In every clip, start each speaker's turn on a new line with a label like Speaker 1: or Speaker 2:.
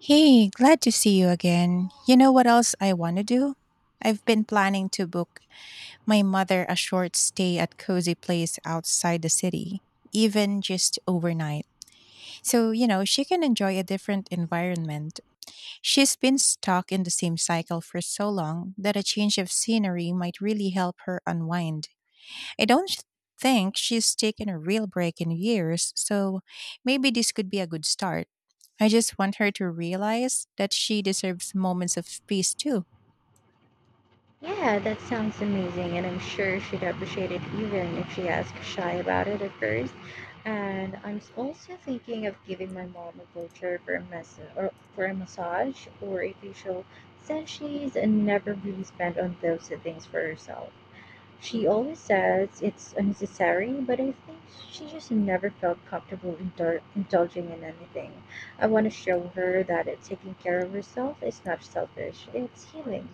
Speaker 1: Hey, glad to see you again. You know what else I want to do? I've been planning to book my mother a short stay at cozy place outside the city, even just overnight. So, you know, she can enjoy a different environment. She's been stuck in the same cycle for so long that a change of scenery might really help her unwind. I don't sh- think she's taken a real break in years, so maybe this could be a good start. I just want her to realize that she deserves moments of peace too.
Speaker 2: Yeah, that sounds amazing, and I'm sure she'd appreciate it even if she asked shy about it at first. And I'm also thinking of giving my mom a voucher for a massage, or a facial, since she's never really spent on those things for herself. She always says it's unnecessary, but I think she just never felt comfortable indulging in anything. I want to show her that taking care of herself is not selfish; it's healing.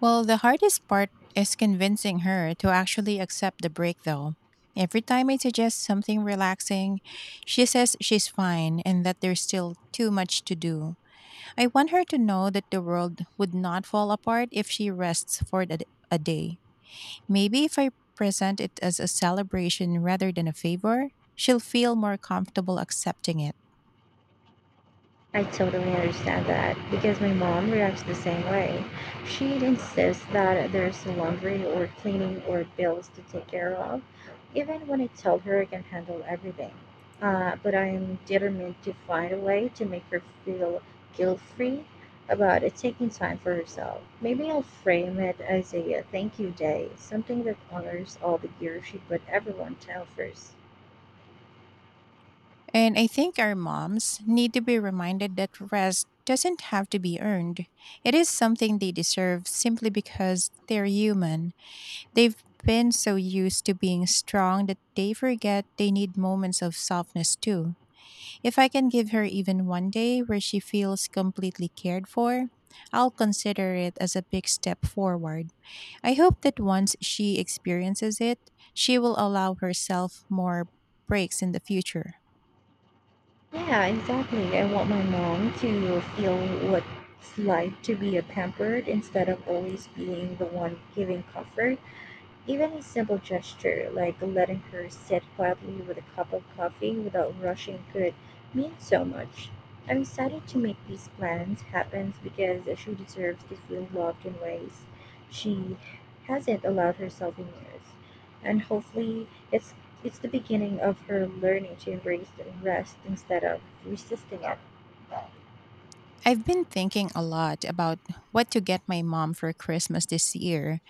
Speaker 1: Well, the hardest part is convincing her to actually accept the break, though. Every time I suggest something relaxing, she says she's fine and that there's still too much to do. I want her to know that the world would not fall apart if she rests for a day. Maybe if I present it as a celebration rather than a favor, she'll feel more comfortable accepting it.
Speaker 2: I totally understand that because my mom reacts the same way. She insists that there's laundry or cleaning or bills to take care of, even when I tell her I can handle everything. But I am determined to find a way to make her feel guilt free about it taking time for herself. Maybe I'll frame it as a thank you day, something that honors all the gear she put everyone down first.
Speaker 1: And I think our moms need to be reminded that rest doesn't have to be earned. It is something they deserve simply because they're human. They've been so used to being strong that they forget they need moments of softness too. If I can give her even 1 day where she feels completely cared for, I'll consider it as a big step forward. I hope that once she experiences it, she will allow herself more breaks in the future.
Speaker 2: Yeah, exactly. I want my mom to feel what it's like to be a pampered instead of always being the one giving comfort. Even a simple gesture, like letting her sit quietly with a cup of coffee without rushing, could mean so much. I'm excited to make these plans happen because she deserves to feel loved in ways she hasn't allowed herself in years. And hopefully it's the beginning of her learning to embrace the rest instead of resisting it.
Speaker 1: I've been thinking a lot about what to get my mom for Christmas this year,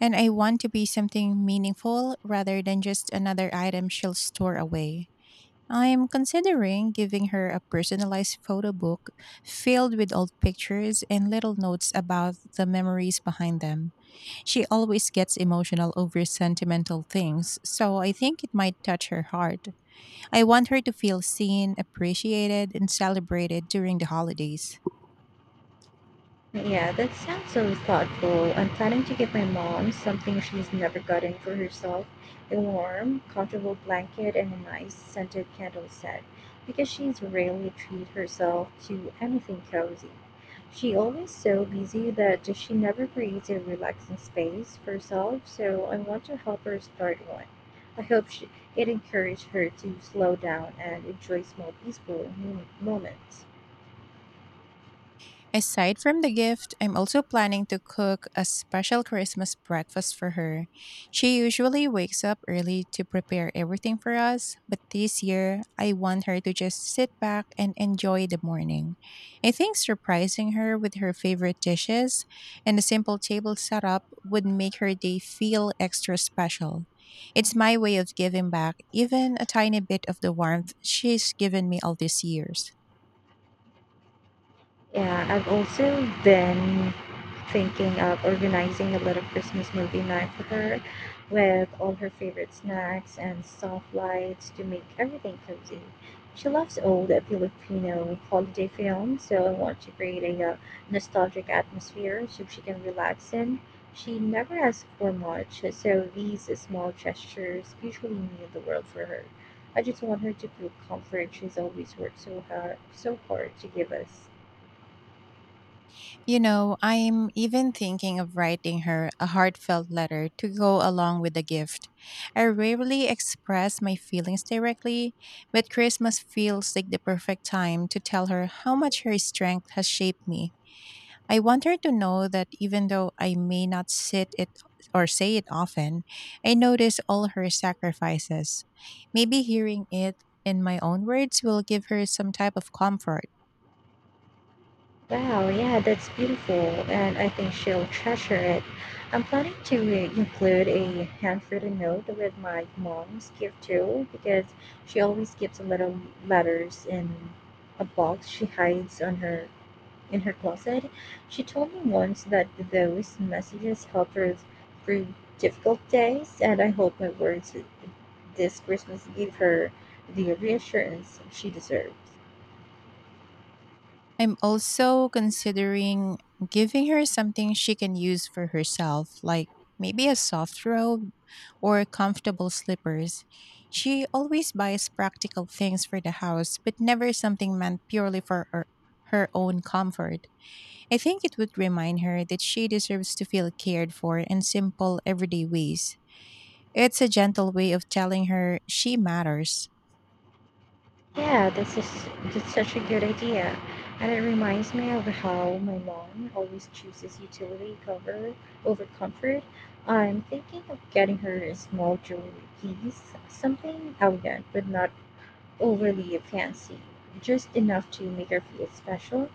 Speaker 1: and I want to be something meaningful rather than just another item she'll store away. I'm considering giving her a personalized photo book filled with old pictures and little notes about the memories behind them. She always gets emotional over sentimental things, so I think it might touch her heart. I want her to feel seen, appreciated, and celebrated during the holidays.
Speaker 2: Yeah, that sounds so thoughtful. I'm planning to give my mom something she's never gotten for herself, a warm, comfortable blanket and a nice scented candle set, because she's rarely treat herself to anything cozy. She always so busy that she never creates a relaxing space for herself, so I want to help her start one. I hope she, it encourages her to slow down and enjoy small peaceful moments.
Speaker 1: Aside from the gift, I'm also planning to cook a special Christmas breakfast for her. She usually wakes up early to prepare everything for us, but this year I want her to just sit back and enjoy the morning. I think surprising her with her favorite dishes and a simple table setup would make her day feel extra special. It's my way of giving back even a tiny bit of the warmth she's given me all these years.
Speaker 2: Yeah, I've also been thinking of organizing a little Christmas movie night for her with all her favorite snacks and soft lights to make everything cozy. She loves old Filipino holiday films, so I want to create a nostalgic atmosphere so she can relax in. She never asks for much, so these small gestures usually mean the world for her. I just want her to feel comfort she's always worked so hard to give us.
Speaker 1: You know, I'm even thinking of writing her a heartfelt letter to go along with the gift. I rarely express my feelings directly, but Christmas feels like the perfect time to tell her how much her strength has shaped me. I want her to know that even though I may not sit it or say it often, I notice all her sacrifices. Maybe hearing it in my own words will give her some type of comfort.
Speaker 2: Wow, yeah, that's beautiful, and I think she'll treasure it. I'm planning to include a handwritten note with my mom's gift too, because she always keeps little letters in a box she hides on her in her closet. She told me once that those messages help her through difficult days, and I hope my words this Christmas give her the reassurance she deserves.
Speaker 1: I'm also considering giving her something she can use for herself, like maybe a soft robe or comfortable slippers. She always buys practical things for the house, but never something meant purely for her, her own comfort. I think it would remind her that she deserves to feel cared for in simple, everyday ways. It's a gentle way of telling her she matters.
Speaker 2: Yeah, this is that's such a good idea. And it reminds me of how my mom always chooses utility cover over comfort. I'm thinking of getting her a small jewelry piece, something elegant but not overly fancy, just enough to make her feel special.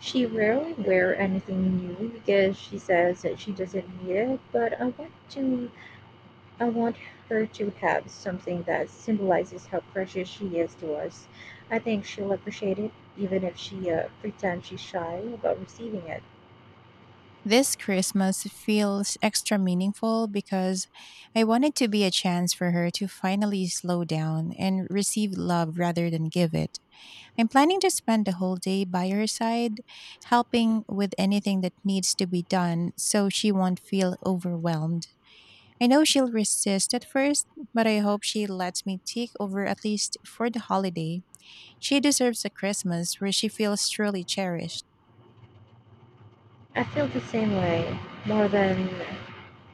Speaker 2: She rarely wear anything new because she says that she doesn't need it, but I want her to have something that symbolizes how precious she is to us. I think she'll appreciate it, even if she pretends she's shy about receiving it.
Speaker 1: This Christmas feels extra meaningful because I wanted to be a chance for her to finally slow down and receive love rather than give it. I'm planning to spend the whole day by her side, helping with anything that needs to be done so she won't feel overwhelmed. I know she'll resist at first, but I hope she lets me take over at least for the holiday. She deserves a Christmas where she feels truly cherished.
Speaker 2: I feel the same way, more than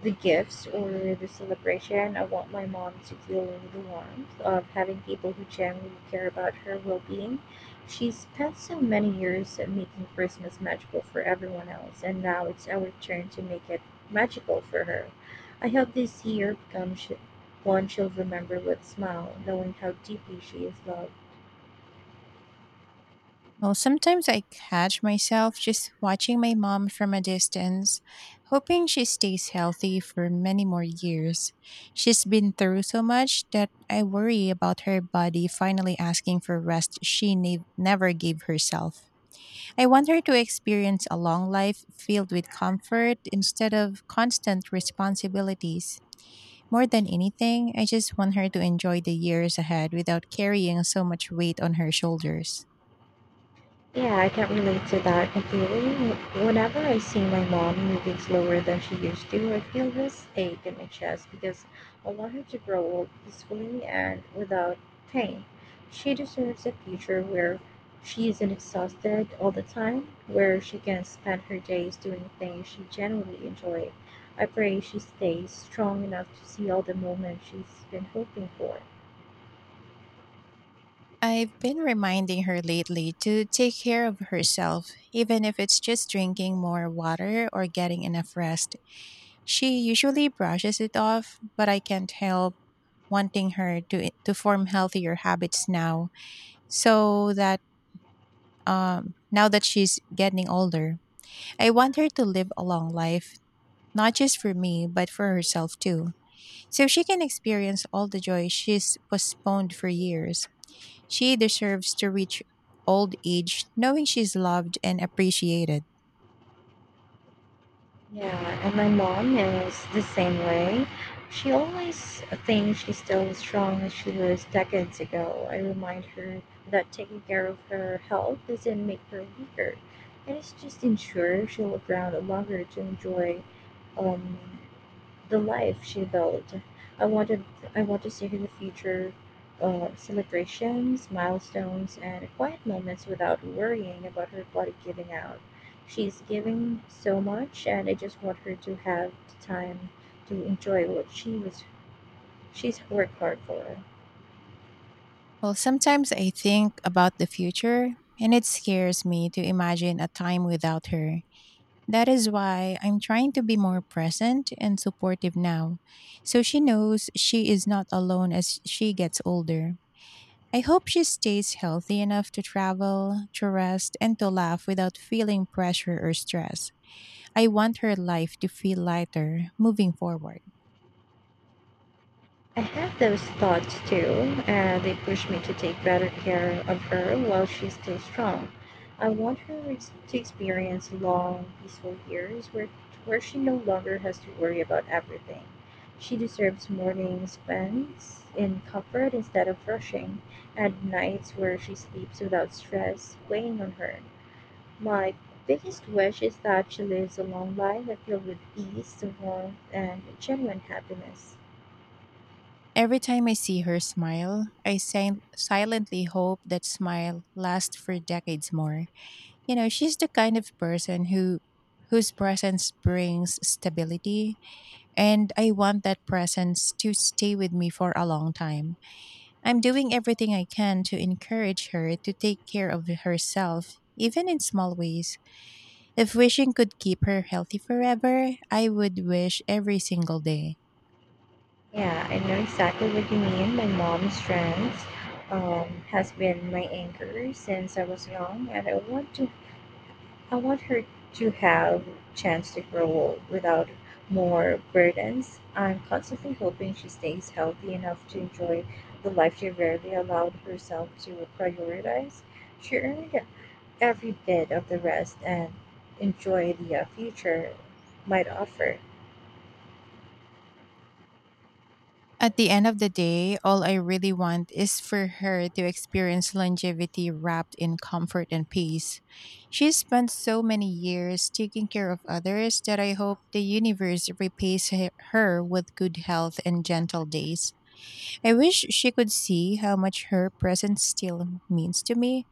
Speaker 2: the gifts or the celebration. I want my mom to feel the warmth of having people who genuinely care about her well being. She spent so many years at making Christmas magical for everyone else, and now it's our turn to make it magical for her. I hope this year becomes one she'll remember with smile, knowing how deeply she is loved.
Speaker 1: Well, sometimes I catch myself just watching my mom from a distance, hoping she stays healthy for many more years. She's been through so much that I worry about her body finally asking for rest she never gave herself. I want her to experience a long life filled with comfort instead of constant responsibilities. More than anything, I just want her to enjoy the years ahead without carrying so much weight on her shoulders.
Speaker 2: Yeah, I can relate to that completely. Whenever I see my mom moving slower than she used to, I feel this ache in my chest because I want her to grow old peacefully and without pain. She deserves a future where she isn't exhausted all the time, where she can spend her days doing things she genuinely enjoys. I pray she stays strong enough to see all the moments she's been hoping for.
Speaker 1: I've been reminding her lately to take care of herself, even if it's just drinking more water or getting enough rest. She usually brushes it off, but I can't help wanting her to form healthier habits now, so that now that she's getting older, I want her to live a long life, not just for me, but for herself too, so she can experience all the joy she's postponed for years. She deserves to reach old age knowing she's loved and appreciated.
Speaker 2: Yeah, and my mom is the same way. She always thinks she's still as strong as she was decades ago. I remind her that taking care of her health doesn't make her weaker. It is just ensure she'll live around longer to enjoy um, the life she built. I wanted I want to see her in the future celebrations, milestones, and quiet moments without worrying about her body giving out. She's giving so much, and I just want her to have the time to enjoy what she's worked hard for.
Speaker 1: Well, sometimes I think about the future, and it scares me to imagine a time without her. That is why I'm trying to be more present and supportive now, so she knows she is not alone as she gets older. I hope she stays healthy enough to travel, to rest, and to laugh without feeling pressure or stress. I want her life to feel lighter moving forward.
Speaker 2: I have those thoughts too, and they push me to take better care of her while she's still strong. I want her to experience long, peaceful years where she no longer has to worry about everything. She deserves mornings spent in comfort instead of rushing, and nights where she sleeps without stress weighing on her. My biggest wish is that she lives a long life that filled with ease, warmth, and genuine happiness.
Speaker 1: Every time I see her smile, I silently hope that smile lasts for decades more. You know, she's the kind of person whose presence brings stability, and I want that presence to stay with me for a long time. I'm doing everything I can to encourage her to take care of herself, even in small ways. If wishing could keep her healthy forever, I would wish every single day.
Speaker 2: Yeah, I know exactly what you mean. My mom's strength has been my anchor since I was young, and I want her to have chance to grow old without more burdens. I'm constantly hoping she stays healthy enough to enjoy the life she rarely allowed herself to prioritize. She earned every bit of the rest and enjoy the future might offer.
Speaker 1: At the end of the day, all I really want is for her to experience longevity wrapped in comfort and peace. She spent so many years taking care of others that I hope the universe repays her with good health and gentle days. I wish she could see how much her presence still means to me.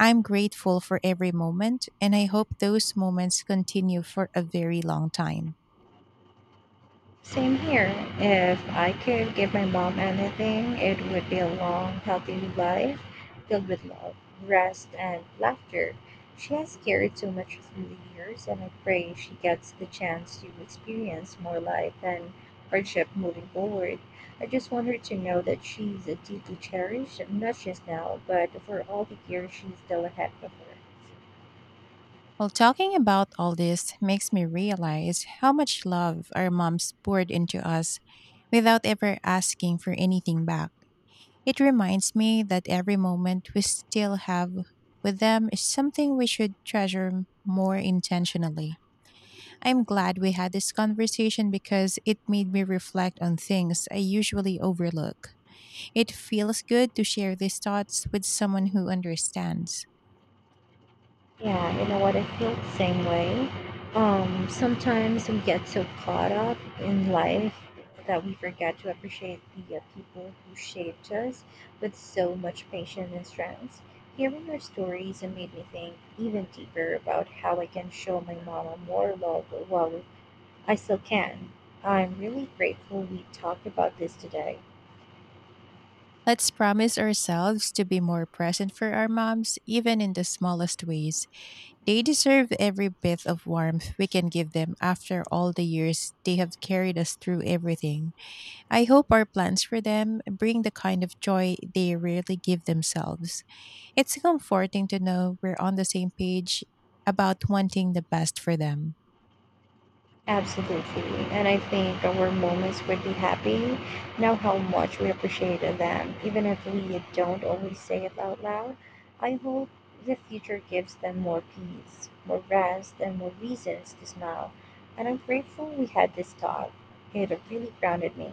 Speaker 1: I'm grateful for every moment, and I hope those moments continue for a very long time.
Speaker 2: Same here. If I could give my mom anything, it would be a long, healthy life filled with love, rest, and laughter. She has carried so much through the years, and I pray she gets the chance to experience more life and hardship moving forward. I just want her to know that she's deeply cherished, not just now, but for all the years she's still ahead of her.
Speaker 1: Well, talking about all this makes me realize how much love our moms poured into us without ever asking for anything back. It reminds me that every moment we still have with them is something we should treasure more intentionally. I'm glad we had this conversation because it made me reflect on things I usually overlook. It feels good to share these thoughts with someone who understands.
Speaker 2: Yeah, you know what? I feel the same way. Sometimes we get so caught up in life that we forget to appreciate the people who shaped us with so much patience and strength. Hearing your stories and made me think even deeper about how I can show my mama more love while I still can. I'm really grateful we talked about this today.
Speaker 1: Let's promise ourselves to be more present for our moms, even in the smallest ways. They deserve every bit of warmth we can give them after all the years they have carried us through everything. I hope our plans for them bring the kind of joy they rarely give themselves. It's comforting to know we're on the same page about wanting the best for them.
Speaker 2: Absolutely. And I think our moments would be happy now how much we appreciated them, even if we don't always say it out loud. I hope the future gives them more peace, more rest, and more reasons to smile. And I'm grateful we had this talk. It really grounded me.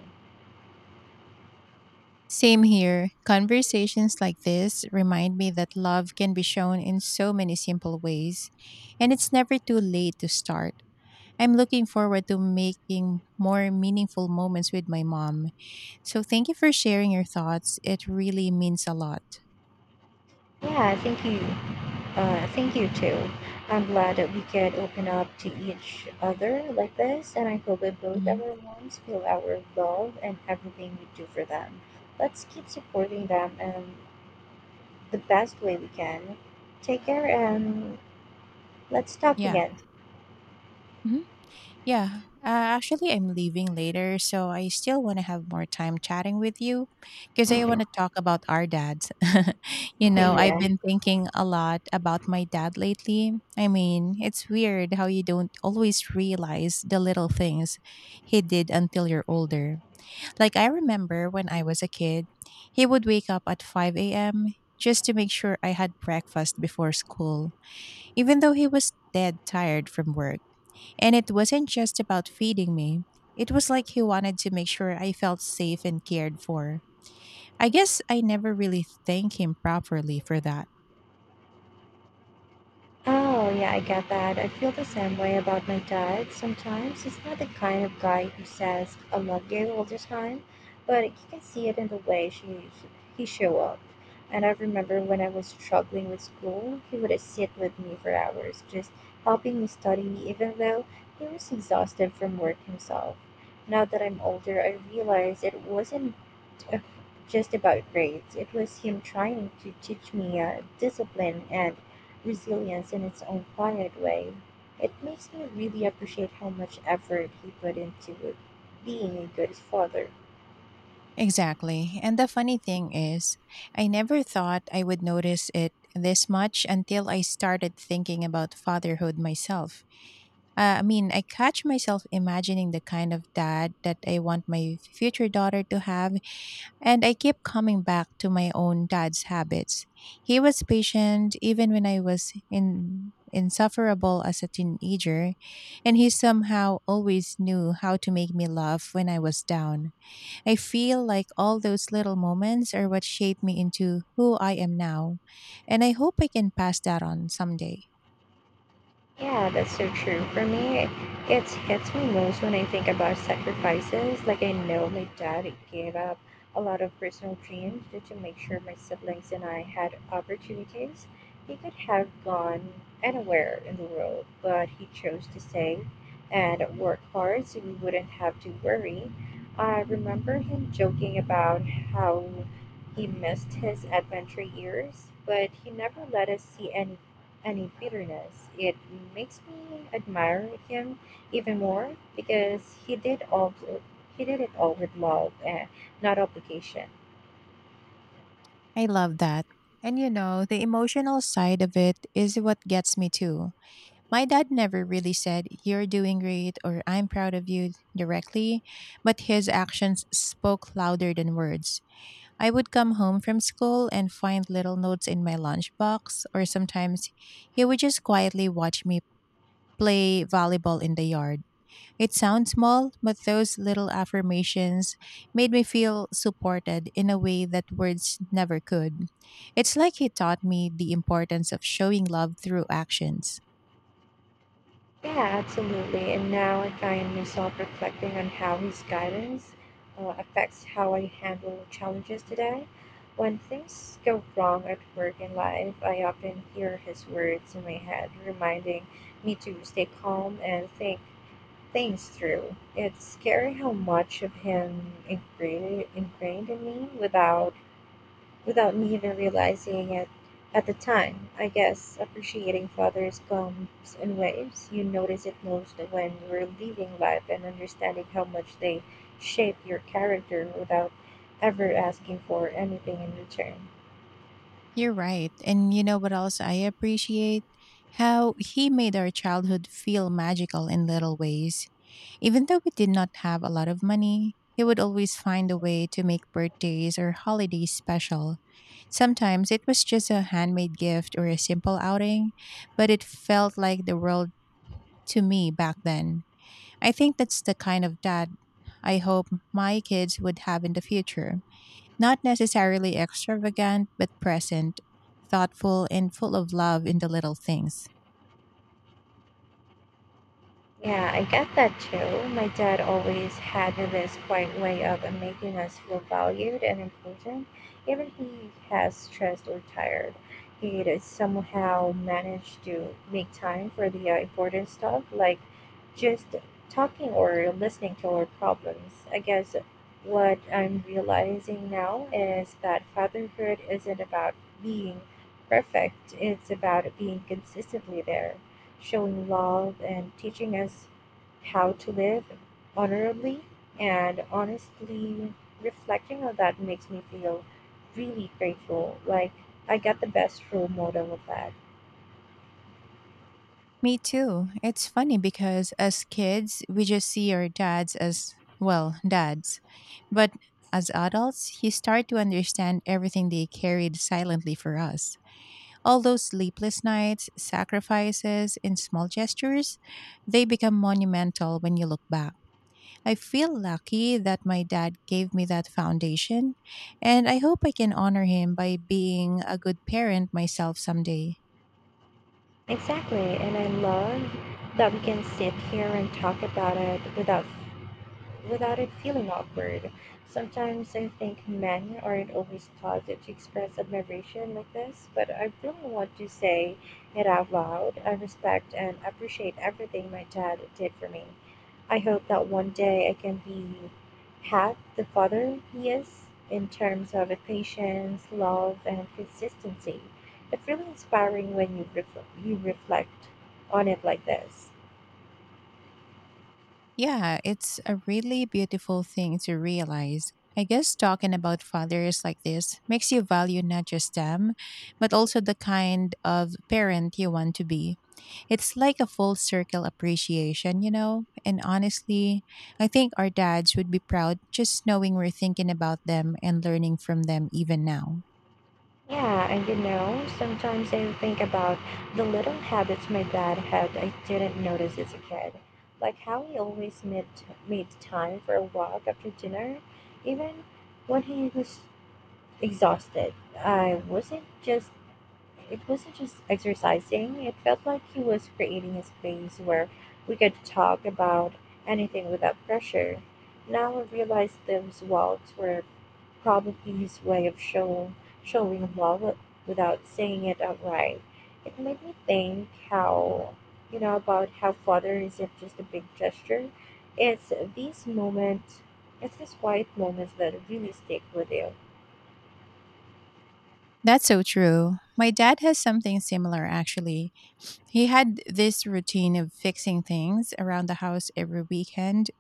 Speaker 1: Same here. Conversations like this remind me that love can be shown in so many simple ways, and it's never too late to start. I'm looking forward to making more meaningful moments with my mom. So thank you for sharing your thoughts. It really means a lot.
Speaker 2: Yeah, thank you. Thank you too. I'm glad that we could open up to each other like this, and I hope that both
Speaker 1: Hmm.
Speaker 2: our moms feel our love and everything we do for them. Let's keep supporting them in the best way we can. Take care, and let's talk
Speaker 1: Yeah.
Speaker 2: again.
Speaker 1: Mhm. Yeah, uh, actually, I'm leaving later, so I still want to have more time chatting with you because I want to talk about our dads. You know, I've
Speaker 2: Yeah.
Speaker 1: been thinking a lot about my dad lately. I mean, it's weird how you don't always realize the little things he did until you're older. Like, I remember when I was a kid, he would wake up at 5 a.m. just to make sure I had breakfast before school, even though he was dead tired from work. And it wasn't just about feeding me. It was like he wanted to make sure I felt safe and cared for. I guess I never really thanked him properly for that.
Speaker 2: Oh, yeah, I get that. I feel the same way about my dad. Sometimes he's not the kind of guy who says, I love you all the time, but you can see it in the way he show up. And I remember when I was struggling with school, he would sit with me for hours, just helping me study, even though he was exhausted from work himself. Now that I'm older, I realize it wasn't a, just about grades. It was him trying to teach me discipline and resilience in its own quiet way. It makes me really appreciate how much effort he put into being a good father.
Speaker 1: Exactly. And the funny thing is, I never thought I would notice it this much until I started thinking about fatherhood myself. I mean, I catch myself imagining the kind of dad that I want my future daughter to have. And I keep coming back to my own dad's habits. He was patient even when I was insufferable as a teenager, and he somehow always knew how to make me laugh when I was down. I feel like all those little moments are what shaped me into who I am now, and I hope I can pass that on someday.
Speaker 2: Yeah, that's so true. For me, it hits me most when I think about sacrifices. Like, I know my dad gave up a lot of personal dreams just to make sure my siblings and I had opportunities. He could have gone anywhere in the world, but he chose to stay and work hard so we wouldn't have to worry. I remember him joking about how he missed his adventure years, but he never let us see any bitterness. It makes me admire him even more because he did all he did it all with love and not obligation.
Speaker 1: I love that. And you know, the emotional side of it is what gets me too. My dad never really said, "You're doing great" or "I'm proud of you" directly, but his actions spoke louder than words. I would come home from school and find little notes in my lunchbox, or sometimes he would just quietly watch me play volleyball in the yard. It sounds small, but those little affirmations made me feel supported in a way that words never could. It's like he taught me the importance of showing love through actions.
Speaker 2: Yeah, absolutely. And now I find myself reflecting on how his guidance affects how I handle challenges today. When things go wrong at work and life, I often hear his words in my head, reminding me to stay calm and think things through. It's scary how much of him ingrained in me without me even realizing it at the time. I guess appreciating fathers comes in waves. You notice it most when you're living life and understanding how much they shape your character without ever asking for anything in return.
Speaker 1: You're right. And you know what else I appreciate? How he made our childhood feel magical in little ways. Even though we did not have a lot of money, he would always find a way to make birthdays or holidays special. Sometimes it was just a handmade gift or a simple outing, but it felt like the world to me back then. I think that's the kind of dad I hope my kids would have in the future. Not necessarily extravagant, but present, thoughtful, and full of love in the little things.
Speaker 2: Yeah, I get that too. My dad always had this quiet way of making us feel valued and important, even he has stressed or tired. He'd somehow manage to make time for the important stuff, like just talking or listening to our problems. I guess what I'm realizing now is that fatherhood isn't about being perfect. It's about being consistently there, showing love and teaching us how to live honorably and honestly. Reflecting on that makes me feel really grateful, like I got the best role model of that.
Speaker 1: Me too. It's funny because as kids, we just see our dads as, well, dads. But as adults, you start to understand everything they carried silently for us. All those sleepless nights, sacrifices, and small gestures, they become monumental when you look back. I feel lucky that my dad gave me that foundation, and I hope I can honor him by being a good parent myself someday.
Speaker 2: Exactly. And I love that we can sit here and talk about it without it feeling awkward. Sometimes I think men aren't always taught to express admiration like this, but I really want to say it out loud. I respect and appreciate everything my dad did for me. I hope that one day I can be half the father he is in terms of patience, love, and consistency. It's really inspiring when you reflect on it like this.
Speaker 1: Yeah, it's a really beautiful thing to realize. I guess talking about fathers like this makes you value not just them, but also the kind of parent you want to be. It's like a full circle appreciation, you know? And honestly, I think our dads would be proud just knowing we're thinking about them and learning from them even now.
Speaker 2: Yeah, and you know, sometimes I think about the little habits my dad had I didn't notice as a kid. Like how he always made time for a walk after dinner, even when he was exhausted. I wasn't just It wasn't just exercising. It felt like he was creating a space where we could talk about anything without pressure. Now I realize those walks were probably his way of showing love without saying it outright. It made me think how you know about how father isn't just a big gesture. It's these moments, it's these quiet moments that really stick with you.
Speaker 1: That's so true. My dad has something similar, actually. He had this routine of fixing things around the house every weekend,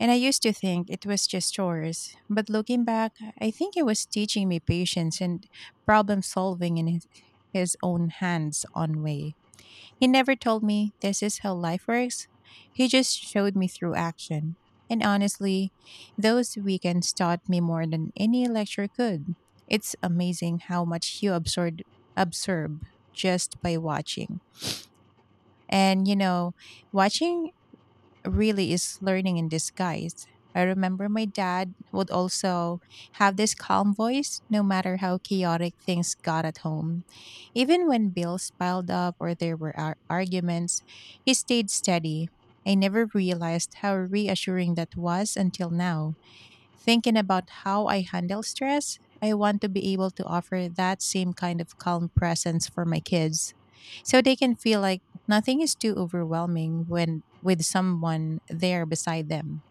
Speaker 1: and I used to think it was just chores. But looking back, I think it was teaching me patience and problem solving in his own hands on way. He never told me this is how life works. He just showed me through action. And honestly, those weekends taught me more than any lecture could. It's amazing how much you absorb just by watching. And you know, watching really is learning in disguise. I remember my dad would also have this calm voice no matter how chaotic things got at home. Even when bills piled up or there were arguments, he stayed steady. I never realized how reassuring that was until now. Thinking about how I handle stress, I want to be able to offer that same kind of calm presence for my kids so they can feel like nothing is too overwhelming when with someone there beside them.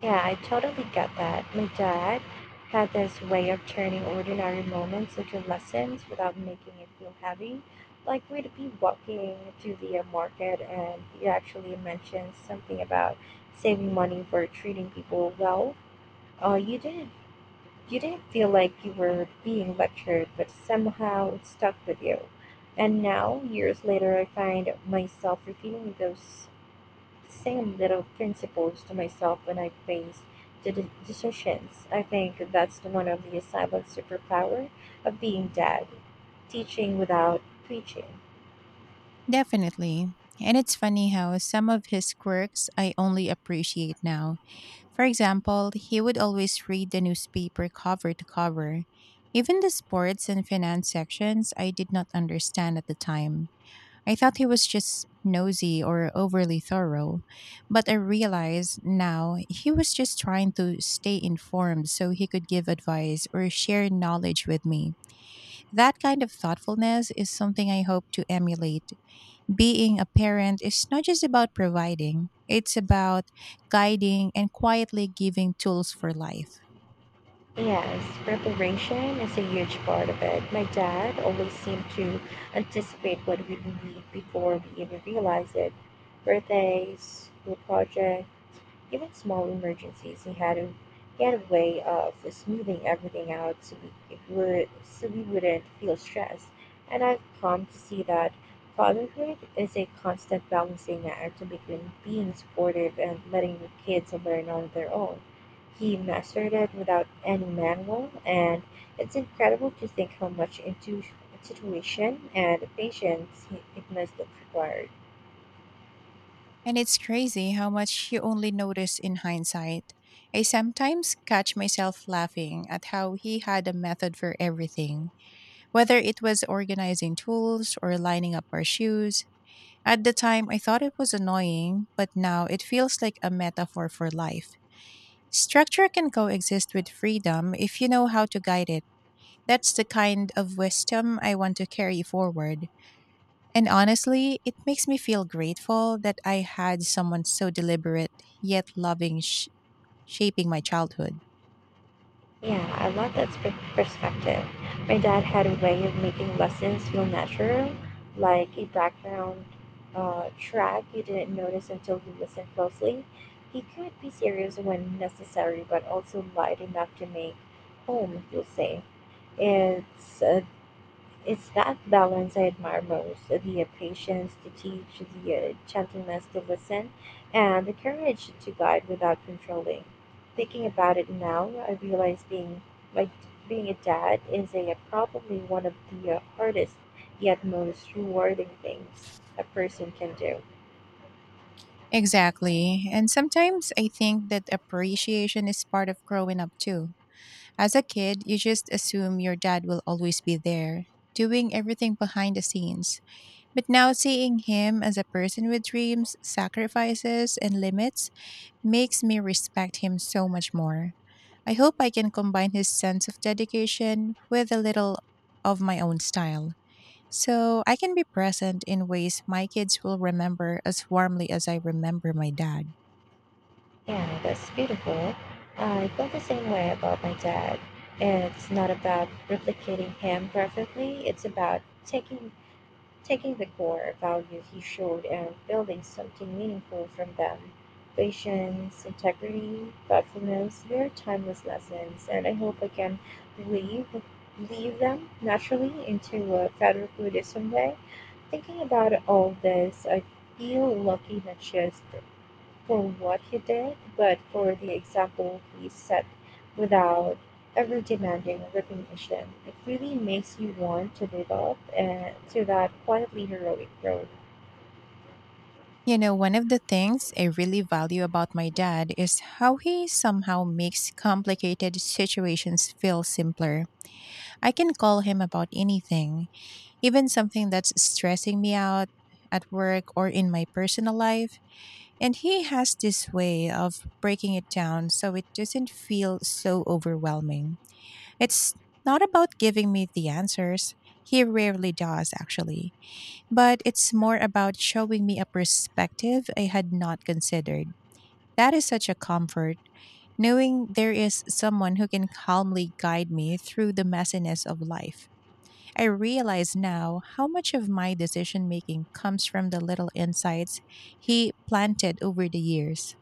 Speaker 2: Yeah, I totally get that. My dad had this way of turning ordinary moments into lessons without making it feel heavy. Like we'd be walking to the market, and he actually mentioned something about saving money for treating people well. Uh, you didn't you didn't feel like you were being lectured, but somehow it stuck with you. And now, years later, I find myself repeating those same little principles to myself when I face decisions. I think that's the one of the silent superpower of being dad, teaching without preaching.
Speaker 1: Definitely. And it's funny how some of his quirks I only appreciate now. For example, he would always read the newspaper cover to cover. Even the sports and finance sections I did not understand at the time. I thought he was just nosy or overly thorough, but I realize now he was just trying to stay informed so he could give advice or share knowledge with me. That kind of thoughtfulness is something I hope to emulate. Being a parent is not just about providing, it's about guiding and quietly giving tools for life.
Speaker 2: Yes, preparation is a huge part of it. My dad always seemed to anticipate what we would need before we even realize it. Birthdays, school projects, even small emergencies, he had a way of smoothing everything out so we would so ␣we wouldn't feel stressed. And I've come to see that fatherhood is a constant balancing act between being supportive and letting your kids learn on their own. He mastered it without any manual, and it's incredible to think how much intuition and patience it must have required.
Speaker 1: And it's crazy how much you only notice in hindsight. I sometimes catch myself laughing at how he had a method for everything, whether it was organizing tools or lining up our shoes. At the time, I thought it was annoying, but now it feels like a metaphor for life. Structure can coexist with freedom if you know how to guide it. That's the kind of wisdom I want to carry forward. And honestly, it makes me feel grateful that I had someone so deliberate yet loving shaping my childhood.
Speaker 2: Yeah, I love that perspective. My dad had a way of making lessons feel natural, like a background track you didn't notice until you listened closely. He could be serious when necessary, but also light enough to make home feel safe. It's uh, it's that balance I admire most, the patience to teach, the gentleness to listen, and the courage to guide without controlling. Thinking about it now, I realize like being a dad is probably one of the hardest yet most rewarding things a person can do.
Speaker 1: Exactly. And sometimes I think that appreciation is part of growing up too. As a kid, you just assume your dad will always be there, doing everything behind the scenes. But now seeing him as a person with dreams, sacrifices, and limits makes me respect him so much more. I hope I can combine his sense of dedication with a little of my own style so I can be present in ways my kids will remember as warmly as I remember my dad.
Speaker 2: Yeah, that's beautiful. I felt the same way about my dad. It's not about replicating him perfectly, it's about taking the core values he showed and building something meaningful from them, patience, integrity, thoughtfulness. They're timeless lessons, and I hope I can leave, leave them naturally into Federal Buddhism someday. Thinking about all this, I feel lucky that she has for what he did, but for the example he set without ever demanding recognition. It really makes you want to live up and to that quietly heroic role.
Speaker 1: You know, one of the things I really value about my dad is how he somehow makes complicated situations feel simpler. I can call him about anything, even something that's stressing me out at work or in my personal life. And he has this way of breaking it down so it doesn't feel so overwhelming. It's not about giving me the answers. He rarely does, actually, but it's more about showing me a perspective I had not considered. That is such a comfort, knowing there is someone who can calmly guide me through the messiness of life. I realize now how much of my decision making comes from the little insights he planted over the years.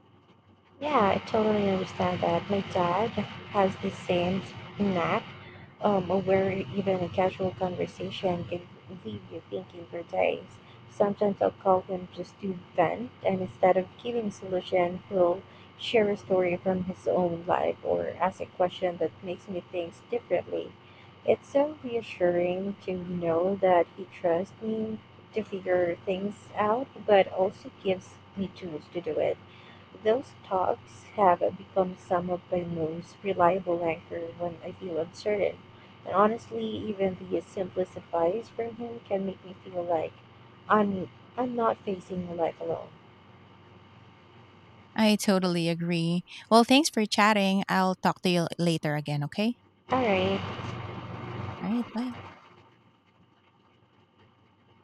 Speaker 2: Yeah, I totally understand that. My dad has the same knack, where even a casual conversation can leave you thinking for days. Sometimes I'll call him just to vent, and instead of giving solution, he'll share a story from his own life or ask a question that makes me think differently. It's so reassuring to know that he trusts me to figure things out, but also gives me tools to do it. Those talks have become some of my most reliable anchor when I feel uncertain. And honestly, even the simplest advice from him can make me feel like I'm I'm not facing life alone.
Speaker 1: I totally agree. Well, thanks for chatting. I'll talk to you later again, okay?
Speaker 2: All right.
Speaker 1: All right, bye.